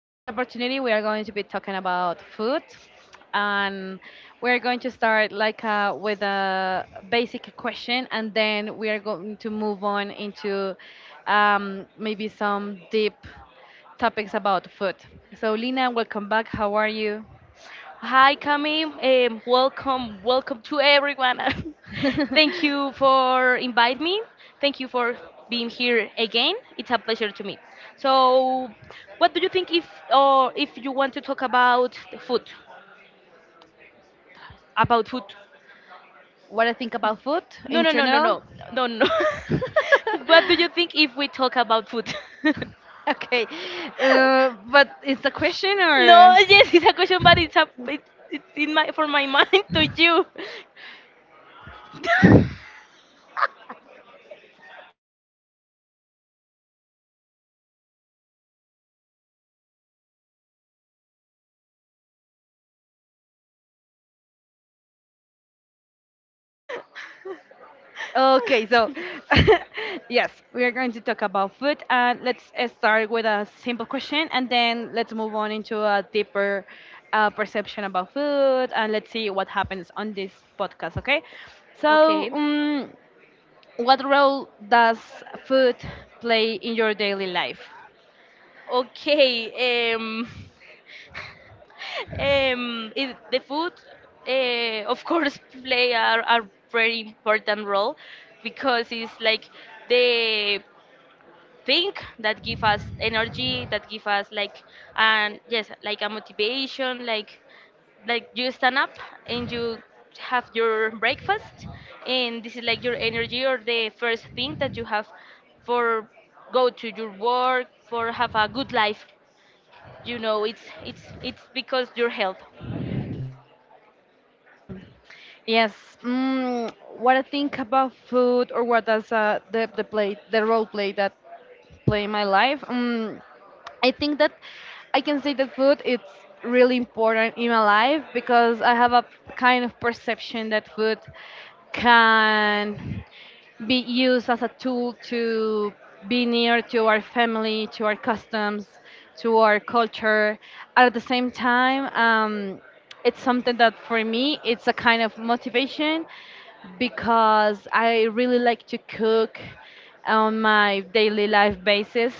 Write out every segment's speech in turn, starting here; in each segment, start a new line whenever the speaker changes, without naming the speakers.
In this opportunity, we are going to be talking about food, and we're going to start like with a basic question, and then we are going to move on into maybe some deep topics about food. So, Lina, welcome back. How are you?
Hi, Cami. Welcome, welcome to everyone. Thank you for inviting me. Thank you for being here again. It's a pleasure to me. So, what do you think if or if you want to talk about the food? About food?
What I think about food
No,
in
no, no, no,
general.
no, no, no. What do you think if we talk about food?
Okay, but it's a question or?
No, yes, it's a question, but it's in my for my mind to you.
Okay, so yes, we are going to talk about food, and let's start with a simple question, and then let's move on into a deeper perception about food, and let's see what happens on this podcast. Okay, so
Okay.
what role does food play in your daily life?
Okay. It, the food, of course, play a very important role, because it's like the thing that give us energy, that give us like, and yes, like a motivation, like you stand up and you have your breakfast, and this is like your energy or the first thing that you have for go to your work for have a good life, it's because your health.
Yes. Mm, what I think about food, or what does the play the role play that play in my life? I think that I can say that food it's really important in my life because I have a kind of perception that food can be used as a tool to be near to our family, to our customs, to our culture. At the same time, it's something that for me it's a kind of motivation because I really like to cook on my daily life basis,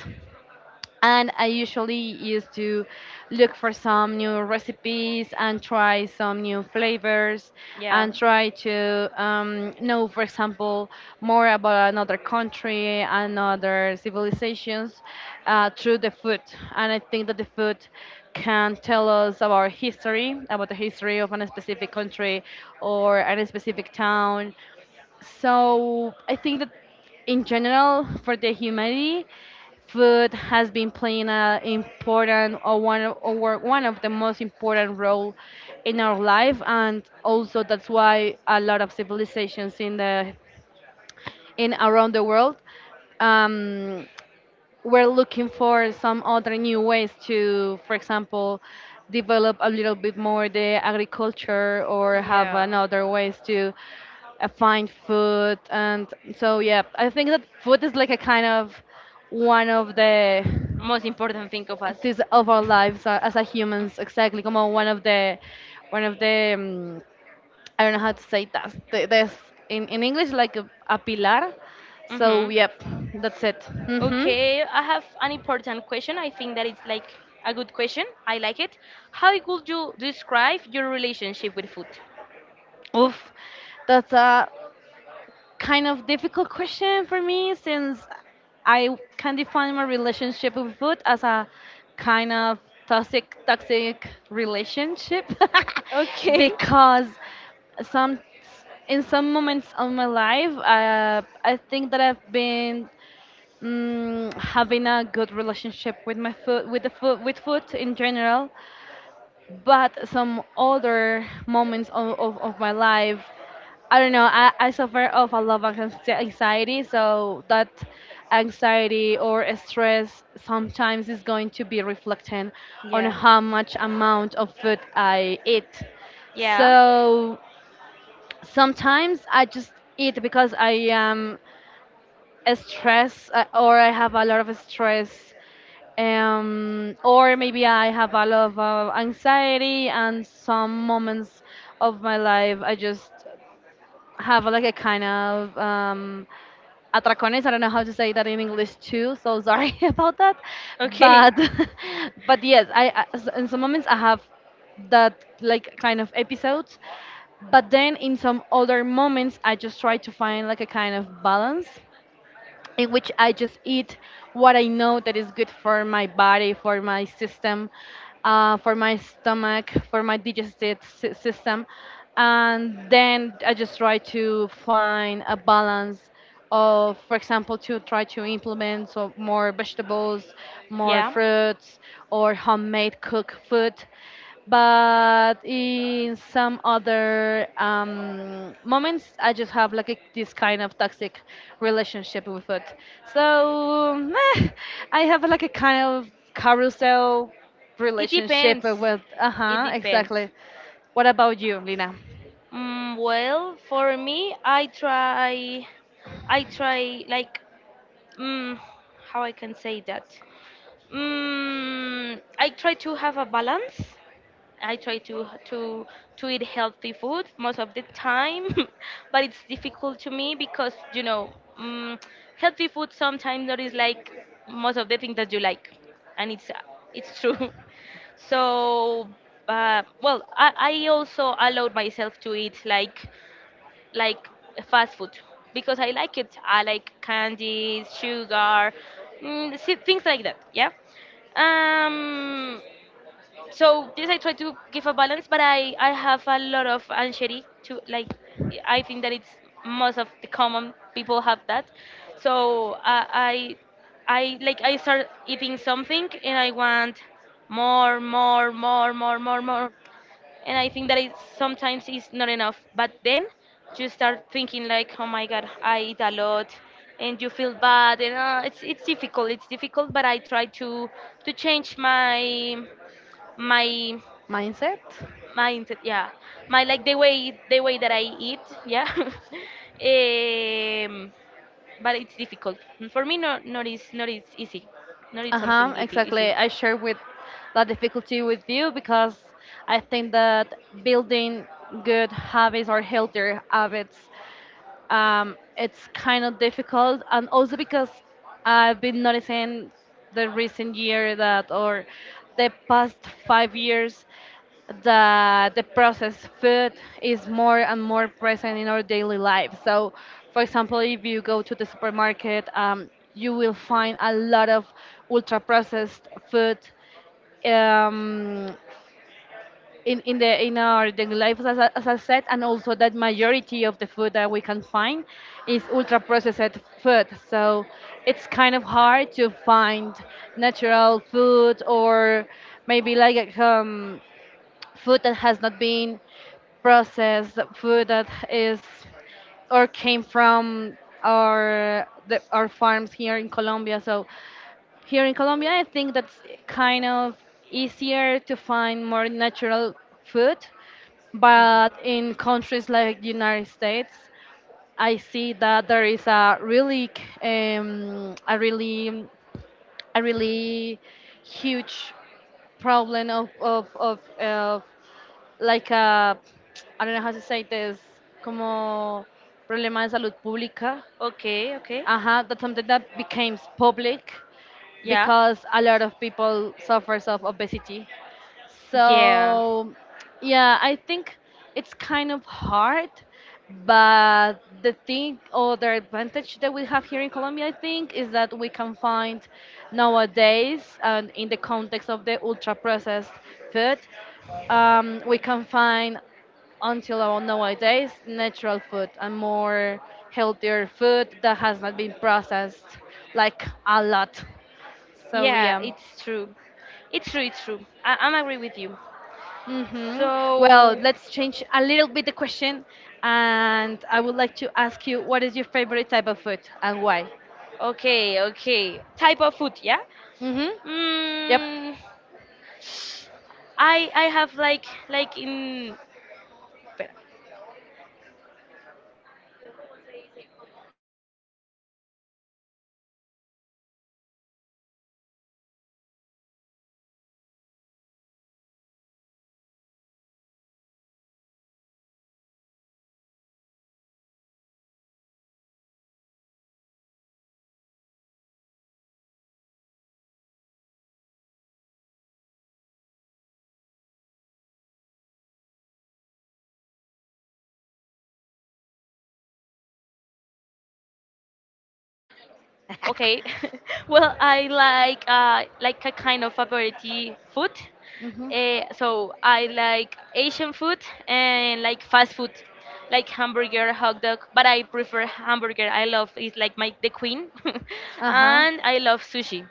and I usually used to look for some new recipes and try some new flavors,
Yeah,
and try to know, for example, more about another country and other civilizations through the food. And I think that the food can tell us about history, about the history of a specific country or a specific town, so I think that in general for the humanity, food has been playing an important or one of the most important role in our life, and also that's why a lot of civilizations in around the world um, we're looking for some other new ways to, for example, develop a little bit more the agriculture or have
yeah,
another ways to find food. And so, yeah, I think that food is like a kind of one of the
most important thing of us.
this of our lives as a humans exactly como one of the I don't know how to say that this in English like a pilar so
Mm-hmm.
yep that's it mhm.
Okay, I have an important question. I think that it's like a good question. I like it. How would you describe your relationship with food?
Oof, that's a kind of difficult question for me since I can define my relationship with food as a kind of toxic relationship
Okay.
because some in some moments of my life I think that I've been having a good relationship with my food with the food with food in general, but some other moments of my life, I don't know, I suffer of a lot of anxiety, so that anxiety or stress sometimes is going to be reflecting on
Yeah,
how much amount of food I eat,
yeah.
so sometimes I just eat because I am stress or I have a lot of stress, or maybe I have a lot of anxiety, and some moments of my life I just have like a kind of atracones. I don't know how to say that in English too, so sorry about that.
Okay.
But but yes, I in some moments I have that like kind of episodes. But then in some other moments I just try to find like a kind of balance in which I just eat what I know that is good for my body, for my system, for my stomach, for my digestive system. And then I just try to find a balance of, for example, to try to implement so more vegetables, more
Yeah,
fruits, or homemade cooked food, but in some other moments I just have like this kind of toxic relationship with food, so eh, I have like a kind of carousel
it
relationship
depends.
with
It
uh-huh
depends.
exactly what about you lina
Mm, well, for me, I try like, mm, how I can say that. Mm, I try to have a balance. I try to eat healthy food most of the time, but it's difficult to me because mm, healthy food sometimes not is like most of the things that you like, and it's true. So, well, I also allowed myself to eat like fast food because I like it. I like candies, sugar, things like that. Yeah. Um. So yes, I try to give a balance, but I have a lot of anxiety to like. I think that it's most of the common people have that. So, I I start eating something and I want more, more, more, more, more, more, and I think that it sometimes is not enough. But then you start thinking like, oh my god, I eat a lot, and you feel bad, and it's difficult. It's difficult, but I try to change my
mindset
mindset. Yeah, my like the way that I eat. Yeah. But it's difficult for me. Not not is not is easy. Not it's something
uh-huh
easy easy.
exactly I share with that difficulty with you because I think that building good habits or healthier habits it's kind of difficult, and also because I've been noticing the recent year that or the past 5 years that the processed food is more and more present in our daily life, so for example if you go to the supermarket you will find a lot of ultra processed food um, in our daily life as I said, and also that majority of the food that we can find is ultra processed food, so it's kind of hard to find natural food or maybe like food that has not been processed, food that is or came from our farms here in Colombia. So here in Colombia, I think that's kind of easier to find more natural food,
Yeah.
but in countries like the United States, I see that there is um, a really, a really huge problem of like a I don't know how to say this, como problema de salud pública.
Okay. Okay.
Uh-huh, that's something that became public
Yeah.
because a lot of people suffers of obesity.
Yeah.
So yeah, I think it's kind of hard, but the thing or the advantage that we have here in Colombia, I think, is that we can find nowadays, and in the context of the ultra processed food, we can find until about nowadays natural food and more healthier food that has not been processed like a lot, so
Yeah,
yeah.
it's true. It's true, it's true. I'm agree with you.
Hmm. Well,
So,
let's change a little bit the question, and I would like to ask you what is your favorite type of food and why.
okay, okay. Type of food, yeah?
Hmm. Yep.
Mm, I have like in espera. Okay. Well, I like a kind of variety food.
Mhm.
So I like Asian food and like fast food, like hamburger, hot dog. But I prefer hamburger. I love, it's like my the queen,
Uh huh.
and I love sushi.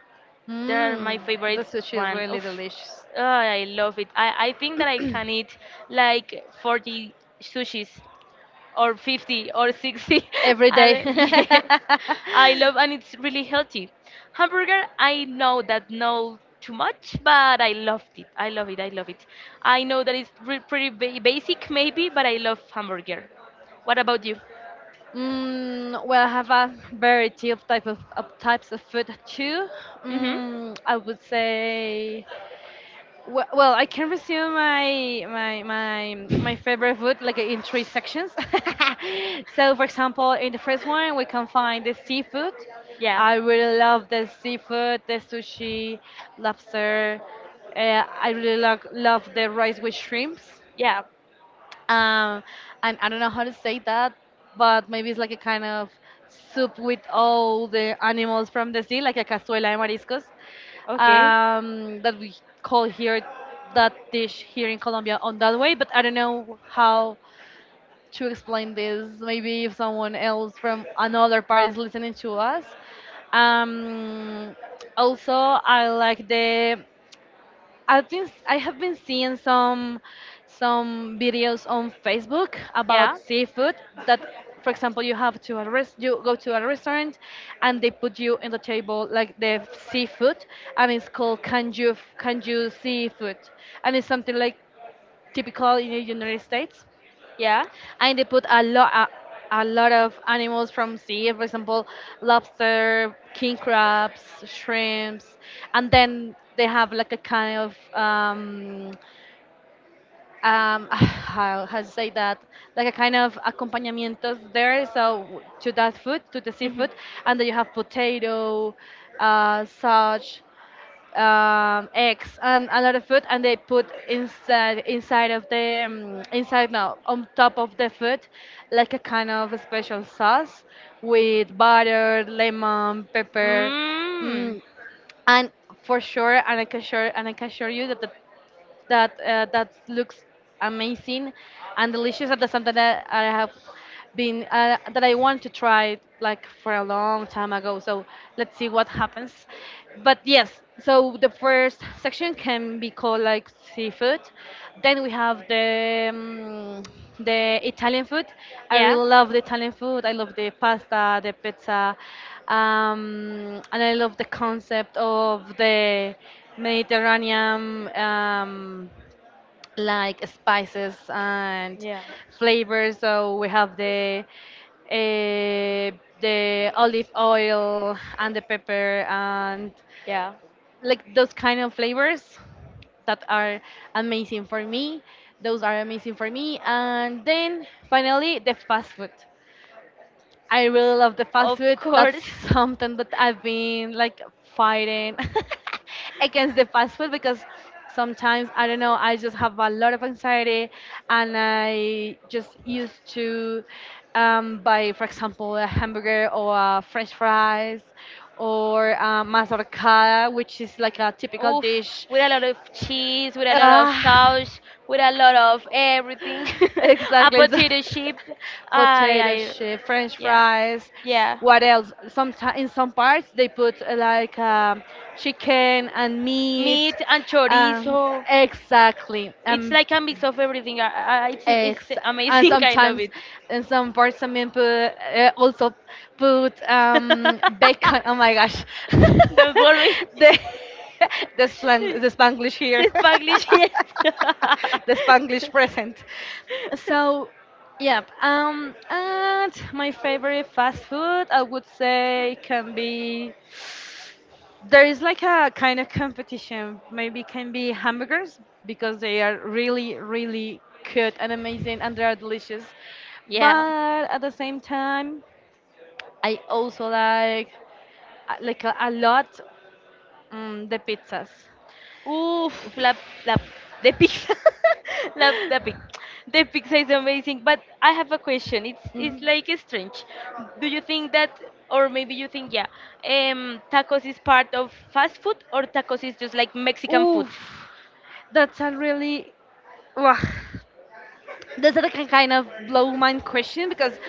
They're my
Mm, the
favorite
sushi is
one.
really
Oof,
delicious.
ah, I love it. I think that I can eat like 40 sushis or 50 or 60.
Every day.
And, yes, I love, and it's really healthy. Hamburger, I know that no too much, but I loved it. I love it. I love it. I know that it's pretty basic maybe, but I love hamburger. What about you?
Mm, well, I have a variety of type of types of food too.
Mm-hmm.
Mm, I would say. Well, I can resume my favorite food like in three sections. So, for example, in the first one, we can find the seafood.
Yeah.
I really love the seafood, the sushi, lobster. Uh, I really love the rice with shrimps,
Yeah.
um, and I don't know how to say that, but maybe it's like a kind of soup with all the animals from the sea, like a cazuela de mariscos,
Okay.
that we call here that dish here in Colombia on that way. But I don't know how to explain this. Maybe if someone else from another part is listening to us. Um, Also, I like the I have been seeing some videos on Facebook
Yeah.
about seafood, that for example you go to a restaurant and they put you in the table like the seafood, and it's called kanju seafood, and it's something like typical in the United States,
Yeah.
and they put a lot a lot of animals from sea, for example lobster, king crabs, shrimps, and then they have like a kind of how to say that, like a kind of accompanimentos there. So to that food, to the
Mhm.
seafood, and then you have potato, such eggs and a lot of food, and they put inside of the inside, no, on top of the food, like a kind of a special sauce with butter, lemon, pepper.
Mm.
Mm, and for sure, and I can assure you that the that looks amazing and delicious at the same time, that I have been that I want to try like for a long time ago. So let's see what happens. But yes, so the first section can be called like seafood. Then we have the Italian food. I
Yeah.
really love the Italian food. I love the pasta, the pizza, and I love the concept of the Mediterranean, like spices and
Yeah.
flavors. So we have the olive oil and the pepper and
Yeah.
like those kind of flavors that are amazing for me. Those are amazing for me. And then finally the fast food. I really love the fast
Of
food. That's
course.
something that I've been like fighting against the fast food because sometimes I don't know, I just have a lot of anxiety, and I just used to buy, for example, a hamburger or a french fries or a mazorcada, which is like a typical
Oof,
dish.
with a lot of cheese, with a lot of
Ah.
sauce, with a lot of everything. A
Exactly.
potato chip. I,
Potato
I,
chip, French
yeah,
fries.
yeah.
What else? Sometimes in some parts they put like chicken and meat.
Meat and
Um,
chorizo.
exactly.
It's like a mix of everything. It's
Ex- and
amazing. I love
sometimes
it.
in some parts some men also put bacon. Oh my gosh, the
Don't worry.
the Spanglish here,
The Spanglish, yes.
the Spanglish present. So, yep. And my favorite fast food I would say can be there is like a kind of competition. Maybe can be hamburgers because they are really, really good and amazing, and they are delicious.
Yeah.
But at the same time, I also like a lot the pizzas.
Oof,
Mhm.
la, la, the pizza, la, the pizza is amazing. But I have a question. It's like strange. Do you think that, or maybe you think, yeah, tacos is part of fast food, or tacos is just like Mexican food?
Oof, that's a really... Wah. That's a kind of blow mind question because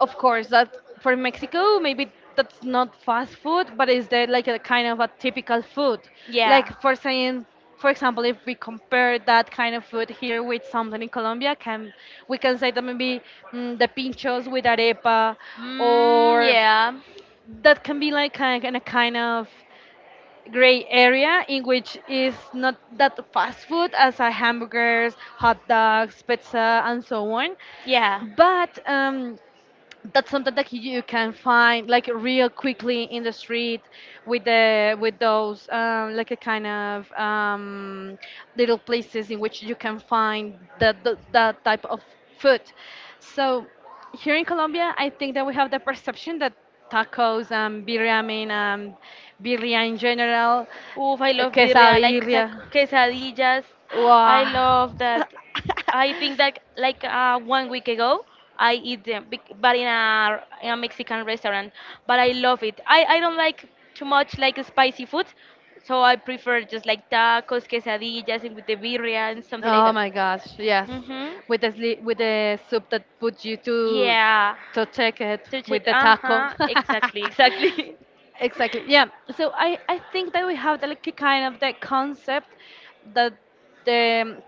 of course, that for Mexico, maybe that's not fast food, but is there like a kind of a typical food? Like
Yeah.
for saying, for example, if we compare that kind of food here with something in Colombia, can we can say that maybe the pinchos with arepa,
Mm,
or
yeah.
that can be like a, in a kind of gray area in which is not that fast food as a hamburgers, hot dogs, pizza, and so on.
Yeah.
But that's something that you can find like real quickly in the street with the with those like a kind of little places in which you can find that type of food. So here in Colombia, I think that we have the perception that tacos and birria, I mean, birria in general,
Oof, I love birria, I like
quesabirria.
quesadillas. I
Wow.
love that. I think that like 1 week ago, I eat them, but in a Mexican restaurant. But I love it. I don't like too much like spicy food, so I prefer just like tacos, quesadillas, and with the birria and something like
Oh
that.
my gosh, yes.
Mhm.
With the sli- with the soup that put you
Yeah.
to take it
Touch
with
it.
the
Uh
taco.
huh. Exactly. Exactly.
Exactly. Yeah. So I think that we have the, like the kind of the concept that the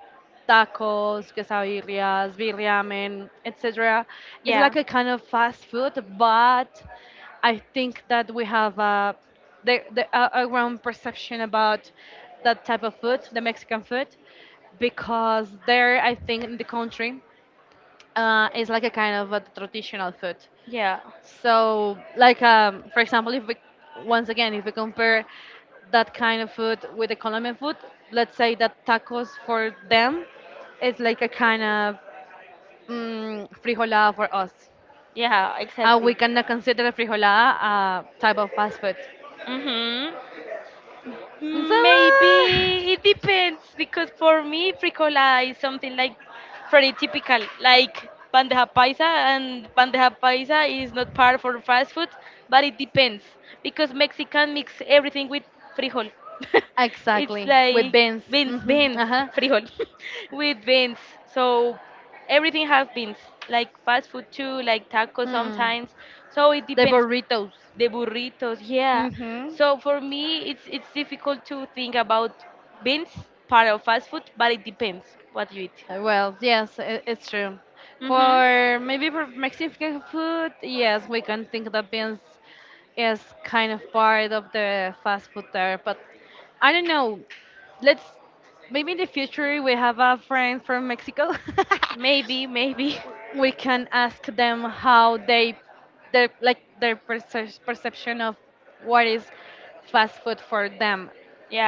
tacos, quesadillas, birriamen, etc. It's like
Yeah.
a kind of fast food, but I think that we have a the a wrong perception about that type of food, the Mexican food, because there I think in the country it's like a kind of a traditional food.
Yeah.
So, like, for example, if we, once again, if we compare that kind of food with the Colombian food, let's say that tacos for them is like a kind of frijolada for us.
Yeah, exactly.
We cannot consider frijolada a type of fast food.
Mhm.
So,
Maybe it depends, because for me frijola is something like pretty typical, like bandeja paisa, and bandeja paisa is not part for fast food, but it depends because Mexican mix everything with frijol. It's
exactly, with
like
beans.
beans,
Hmm.
beans,
Uh-huh.
frijol with beans. So everything has beans, like fast food too, like tacos
Hmm.
sometimes. So it
The
depends.
burritos.
The burritos, yeah.
Mm-hmm.
So for me it's difficult to think about being part of fast food, but it depends what you eat.
Well, yes, I- it's true.
Mm-hmm.
For Maybe for Mexican food, yes, we can think that beans is kind of part of the fast food there. But I don't know. Let's maybe in the future we have a friend from Mexico.
maybe maybe
We can ask them how they their like their perce- perception of what is fast food for them.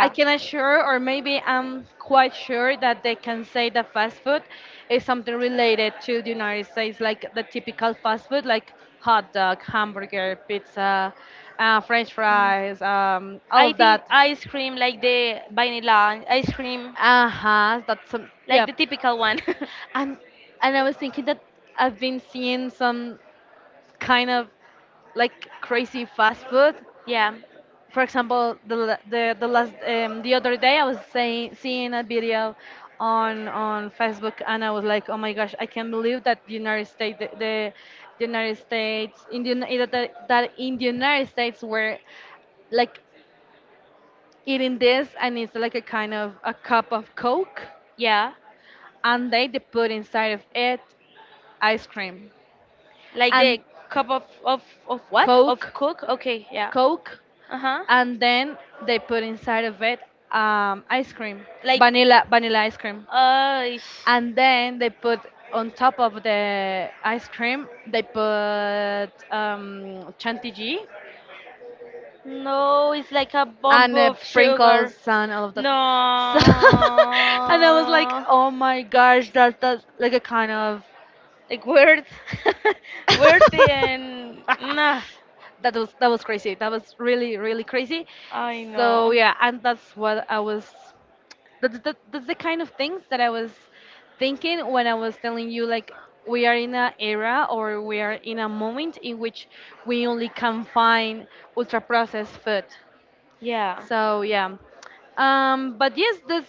I
Yeah.
can assure or maybe I'm quite sure that they can say that fast food is something related to the United States, like the typical fast food, like hot dog, hamburger, pizza, french
Mm.
fries, all
I
of
think
that.
ice cream, like the vanilla ice cream,
Uh-huh, that's some,
like
yeah.
the typical one.
and and I was thinking that I've been seeing some kind of like crazy fast food.
Yeah,
For example, the la- the last the other day I was saying seeing a video on Facebook and I was like, oh my gosh, I can't believe that the United States in the, Uni- that that in the United States were like eating this and it's like a kind of a cup of Coke
yeah.
and they put inside of it ice cream
Like
and
the cup of what? Of
Coke.
coke? Okay, yeah.
Coke.
Uh huh.
And then they put inside of it ice cream,
Like,
vanilla ice cream,
uh,
and then they put on top of the ice cream they put chantilly
no, it's like a bomb
and
of sugar.
sprinkles and all of that.
No,
So and I was like, oh my gosh, that's like a kind of
like weird, weird and nah.
that was crazy. That was really really crazy.
I
So
know.
yeah, and that's what I was. That's the kind of things that I was thinking when I was telling you like we are in an era or we are in a moment in which we only can find ultra processed food.
Yeah.
So yeah, but yes, this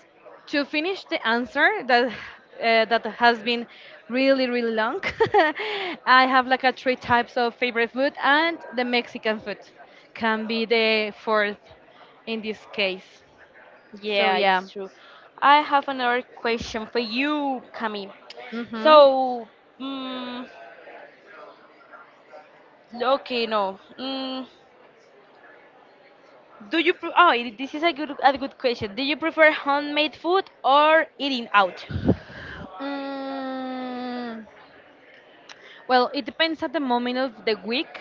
to finish the answer that that has been really really long. I have like a three types of favorite food, and the Mexican food can be the fourth in this case. So
Yeah,
yeah.
it's true. I have another question for you, Camille.
Mm-hmm.
So, mm, okay, no. Mm, do you? Oh, this is a good question. Do you prefer homemade food or eating out?
Mm, well, it depends at the moment of the week,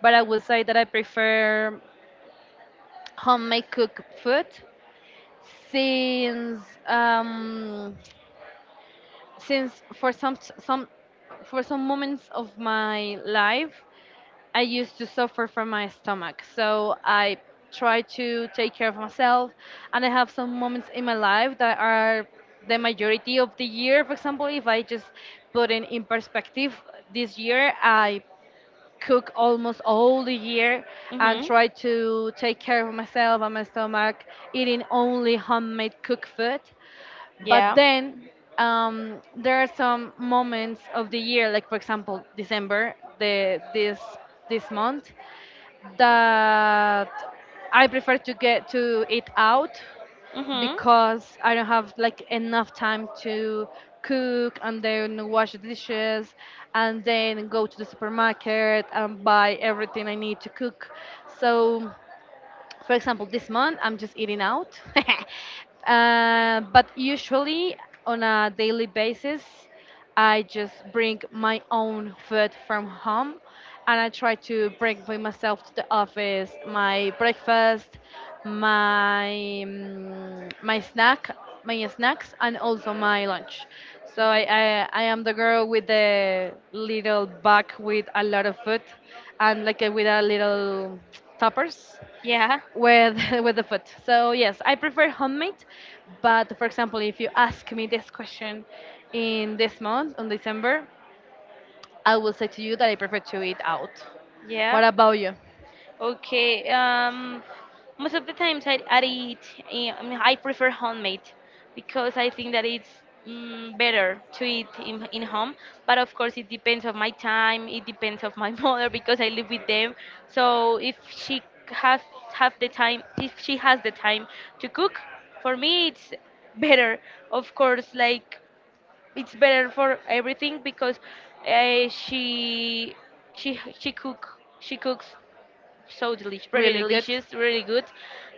but I would say that I prefer homemade cooked food since um, since for some for some moments of my life I used to suffer from my stomach, so I try to take care of myself and I have some moments in my life that are the majority of the year, for example, if I just put in perspective this year, I cook almost all the year and try to take care of myself and my stomach eating only homemade cooked food. But
Yeah.
then there are some moments of the year, like for example December, the this this month that I prefer to get to eat out
Mhm.
because I don't have like enough time to cook and then wash the dishes and then go to the supermarket and buy everything I need to cook. So, for example, this month I'm just eating out. Uh, but usually on a daily basis, I just bring my own food from home and I try to bring by myself to the office my breakfast, my my snack, my snacks, and also my lunch. So I am the girl with the little bag with a lot of food and like with a little toppers
Yeah.
with with the food. So yes, I prefer homemade, but for example, if you ask me this question in this month on December, I will say to you that I prefer to eat out.
Yeah.
What about you?
Okay. Most of the times I eat, eh, I mean, I prefer homemade, because I think that it's better to eat in home. But of course, it depends of my time. It depends of my mother, because I live with them. So if she has have the time, if she has the time to cook, for me it's better. Of course, like it's better for everything because uh, she she she cook she cooks so delicious, pretty
Really good.
delicious, really good,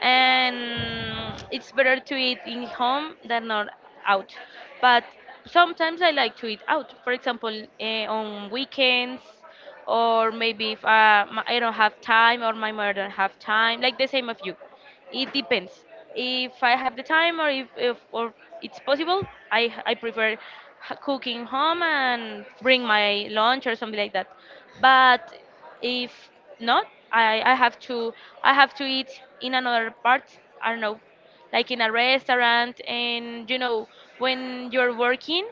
and it's better to eat in home than not out. But sometimes I like to eat out. For example, eh, on weekends, or maybe if I don't have time or my mother don't have time, like the same of you. It depends. If I have the time or if or it's possible, I prefer cooking home and bring my lunch or something like that. But if not, I I have to I have to eat in another part. I don't know, like in a restaurant, and you know when you're working,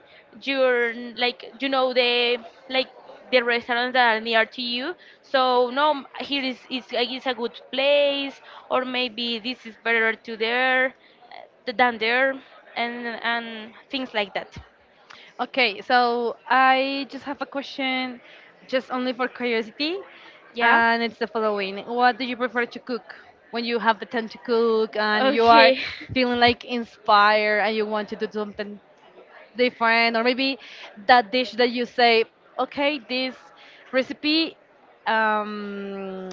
you're like, you know, the, like, the restaurants that are near to you, so no, here is, it's like, it's a good place, or maybe this is better to there uh, than there, and things like that.
Okay, so I just have a question, just only for curiosity,
Yeah.
and it's the following: What do you prefer to cook when you have the time to cook and you are
Okay.
feeling like inspired and you want to do something different or maybe that dish that you say okay this recipe um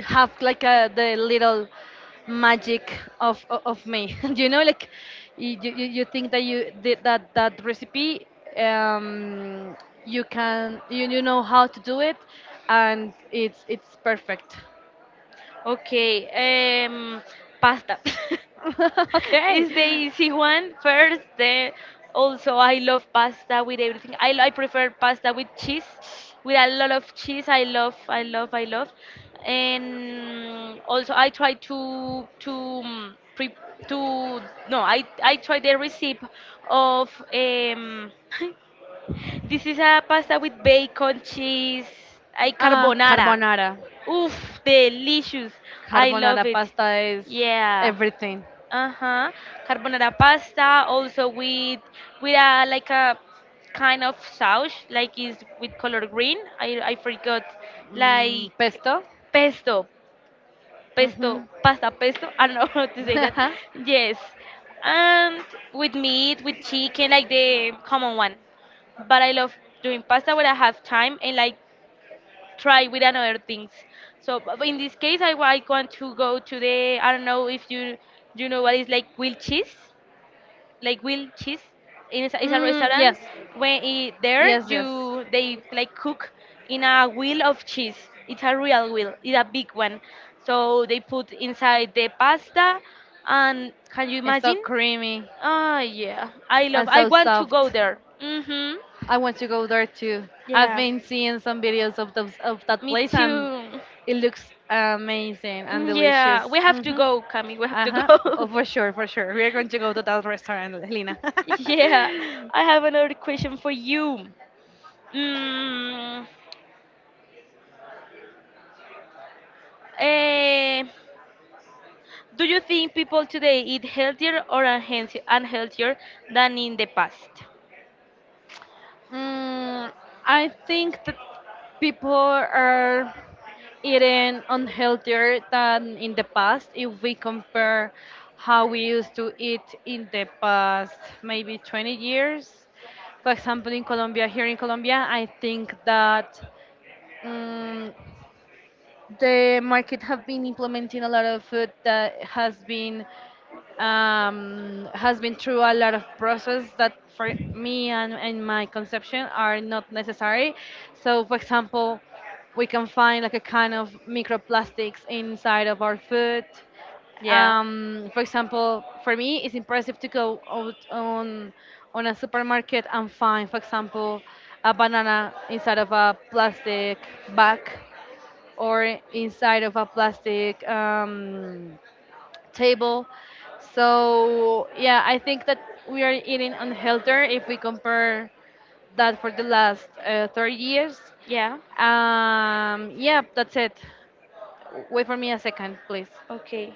have like a the little magic of o- of me you know like you think that you did that recipe um you can you, you know how to do it and it's perfect.
Okay, pasta.
Okay.
It's the easy one first. Then also, I love pasta with everything. I prefer pasta with cheese, with a lot of cheese. I love, I love, I love. And also, I try to pre to no, I try the recipe of this is a pasta with bacon, cheese, I
Ah,
carbonara.
carbonara.
Oof, delicious. I love
Carbonara
it.
pasta es
Yeah,
everything.
uh-huh, carbonara pasta also with a like a kind of sauce like is with color green. I forgot,
Mm,
like
pesto.
pesto, pesto
Ujú.
pasta, pesto. I don't know how to say that. Yes, and with meat, with chicken, like the common one. But I love doing pasta when I have time, and like try with another things. So but in this case, I want to go to the, I don't know if you know what is like grilled cheese, like grilled cheese. And it's a
Mm,
restaurant.
yes.
When it, there,
Yes, yes.
you, they like cook in a wheel of cheese. It's a real wheel. It's a big one. So they put inside the pasta, and can you
It's so
imagine?
creamy
Ah, yeah. I love.
and
I
so
want to go
soft.
there. Mhm.
I want to go there too. I've
Yeah.
been seeing some videos of those of that
Me
place and
too.
it looks amazing and delicious.
Yeah. We have to
Hmm.
go, Kami. We have
Uh
to
huh.
go.
Oh, for sure, for sure. We are going to go to that restaurant, Lina.
Yeah. I have another question for you. Mm, eh, Do you think people today eat healthier or unhealthier than in the past?
Mm, I think that people are eating unhealthier than in the past if we compare how we used to eat in the past maybe 20 years. For example, in Colombia, here in Colombia, I think that mm, the market have been implementing a lot of food that has been through a lot of process that for me and my conception are not necessary. So, for example, we can find like a kind of microplastics inside of our food.
Yeah.
For example, for me, it's impressive to go out on a supermarket and find, for example, a banana inside of a plastic bag or inside of a plastic table. So yeah, I think that we are eating unhealthier if we compare that for the last 30 years.
Yeah.
Yeah, that's it. Wait for me a second, please.
Okay.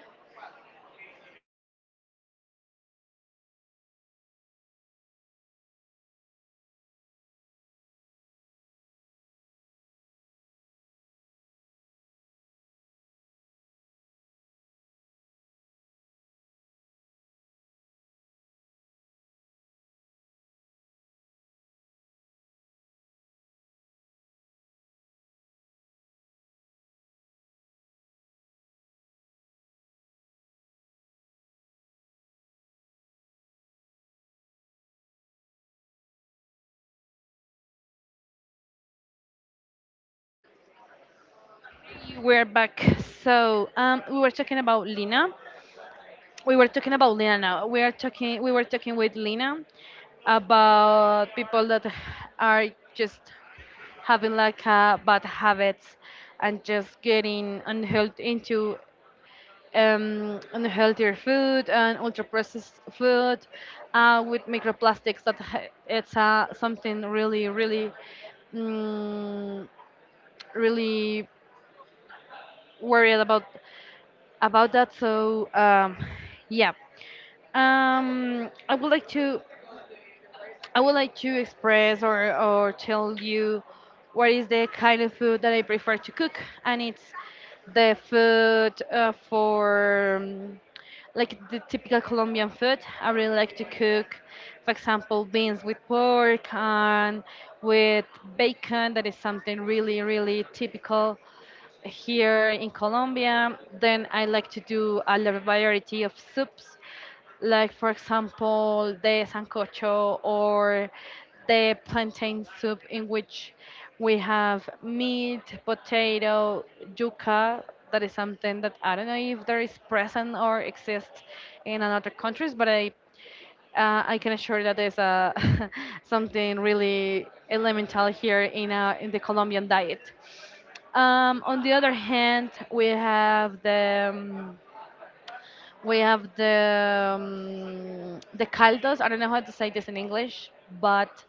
We're back. So we were talking about Lina. We were talking about Lina now. We are talking. We were talking with Lina about people that are just having like bad habits and just getting unhealthy into unhealthier food and ultra processed food with microplastics that ha- it's something really really mm, really worried about that so yeah I would like to I would like to express or tell you what is the kind of food that I prefer to cook, and it's the food for like the typical Colombian food. I really like to cook, for example, beans with pork and with bacon. That is something really, really typical here in Colombia. Then I like to do a lot of variety of soups, like for example the sancocho or the plantain soup in which we have meat, potato, yuca. That is something that I don't know if there is present or exists in another countries, but I can assure that there's a something really elemental here in the Colombian diet. On the other hand, we have the caldos. I don't know how to say this in English, but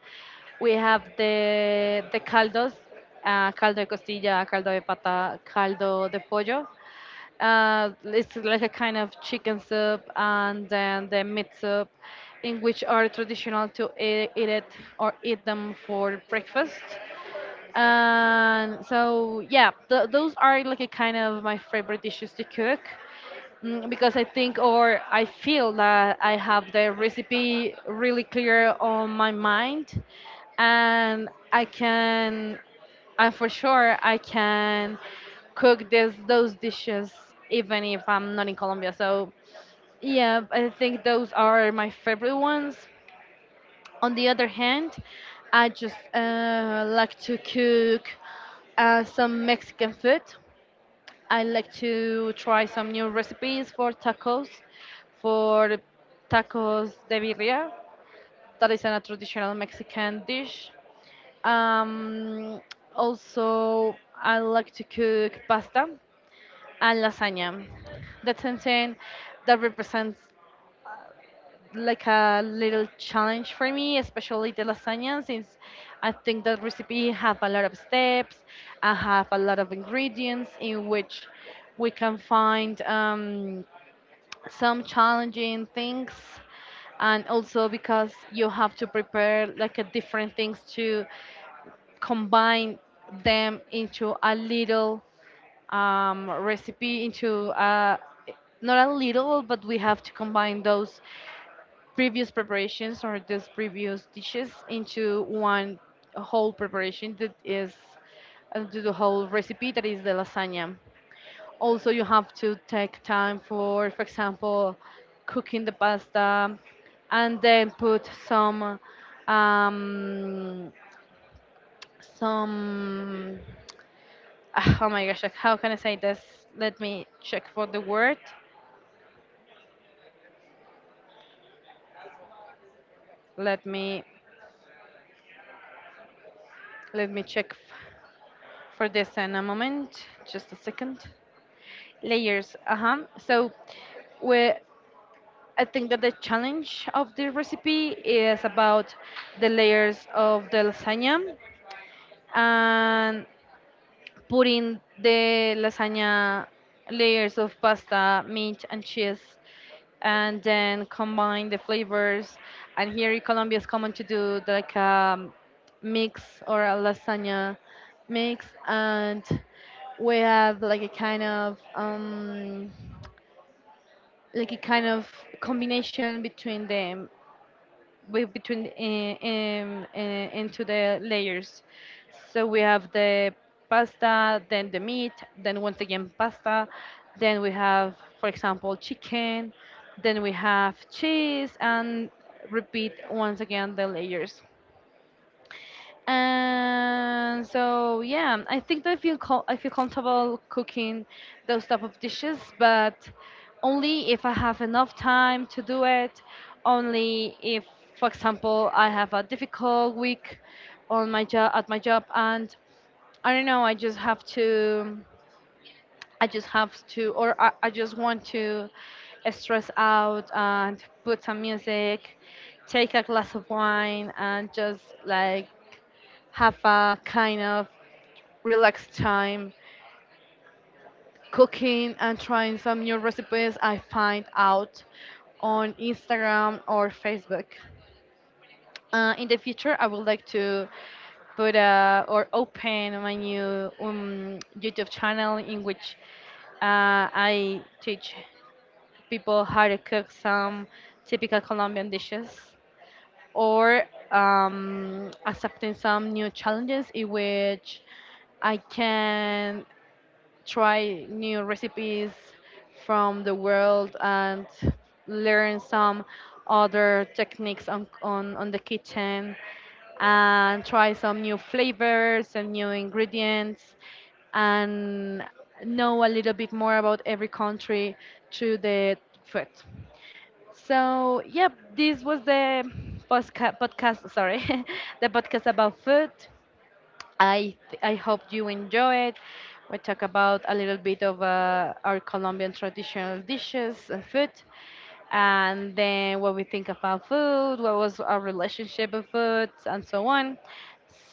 we have the caldos, caldo de costilla, caldo de pata, caldo de pollo. It's like a kind of chicken soup, and then the meat soup, in which are traditional to eat, eat it or eat them for breakfast. And so, yeah, those are like a kind of my favorite dishes to cook because I think or I feel that I have the recipe really clear on my mind and I can, and for sure, I can cook this, those dishes even if I'm not in Colombia. So, yeah, I think those are my favorite ones. On the other hand, I just like to cook some Mexican food. I like to try some new recipes for tacos de birria. That is a traditional Mexican dish. Um, also, I like to cook pasta and lasagna. That's something that represents like a little challenge for me, especially the lasagna, since I think that recipe have a lot of steps, I have a lot of ingredients in which we can find some challenging things, and also because you have to prepare like a different things to combine them into a little recipe into a not a little, but we have to combine those previous preparations or just previous dishes into one whole preparation that is to the whole recipe that is the lasagna. Also, you have to take time for example, cooking the pasta and then put um, some oh my gosh, like, how can I say this? Let me check for the word. Let me let me check f- for this in a moment, just a second. Layers. Uh-huh. So we, I think that the challenge of the recipe is about the layers of the lasagna, and putting the lasagna, layers of pasta, meat, and cheese, and then combine the flavors. And here in Colombia it's common to do like a mix or a lasagna mix, and we have like a kind of like a kind of combination between them, between into the layers. So we have the pasta, then the meat, then once again pasta, then we have, for example, chicken, then we have cheese, and repeat once again the layers. And so yeah, I think that I feel comfortable cooking those type of dishes, but only if I have enough time to do it. Only if, for example, I have a difficult week on my job at my job, and I don't know, I just have to. I just have to, or I just want to stress out and put some music, take a glass of wine, and just like have a kind of relaxed time cooking and trying some new recipes I find out on Instagram or Facebook. In the future, I would like to put or open my new YouTube channel in which I teach people how to cook some typical Colombian dishes or accepting some new challenges in which I can try new recipes from the world and learn some other techniques on the kitchen, and try some new flavors and new ingredients, and know a little bit more about every country through the food. So, yep, this was the podcast, sorry, the podcast about food. I hope you enjoy it. We talk about a little bit of our Colombian traditional dishes and food, and then what we think about food, what was our relationship with food, and so on.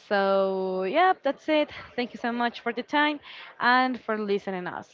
So, yeah, that's it. Thank you so much for the time and for listening us.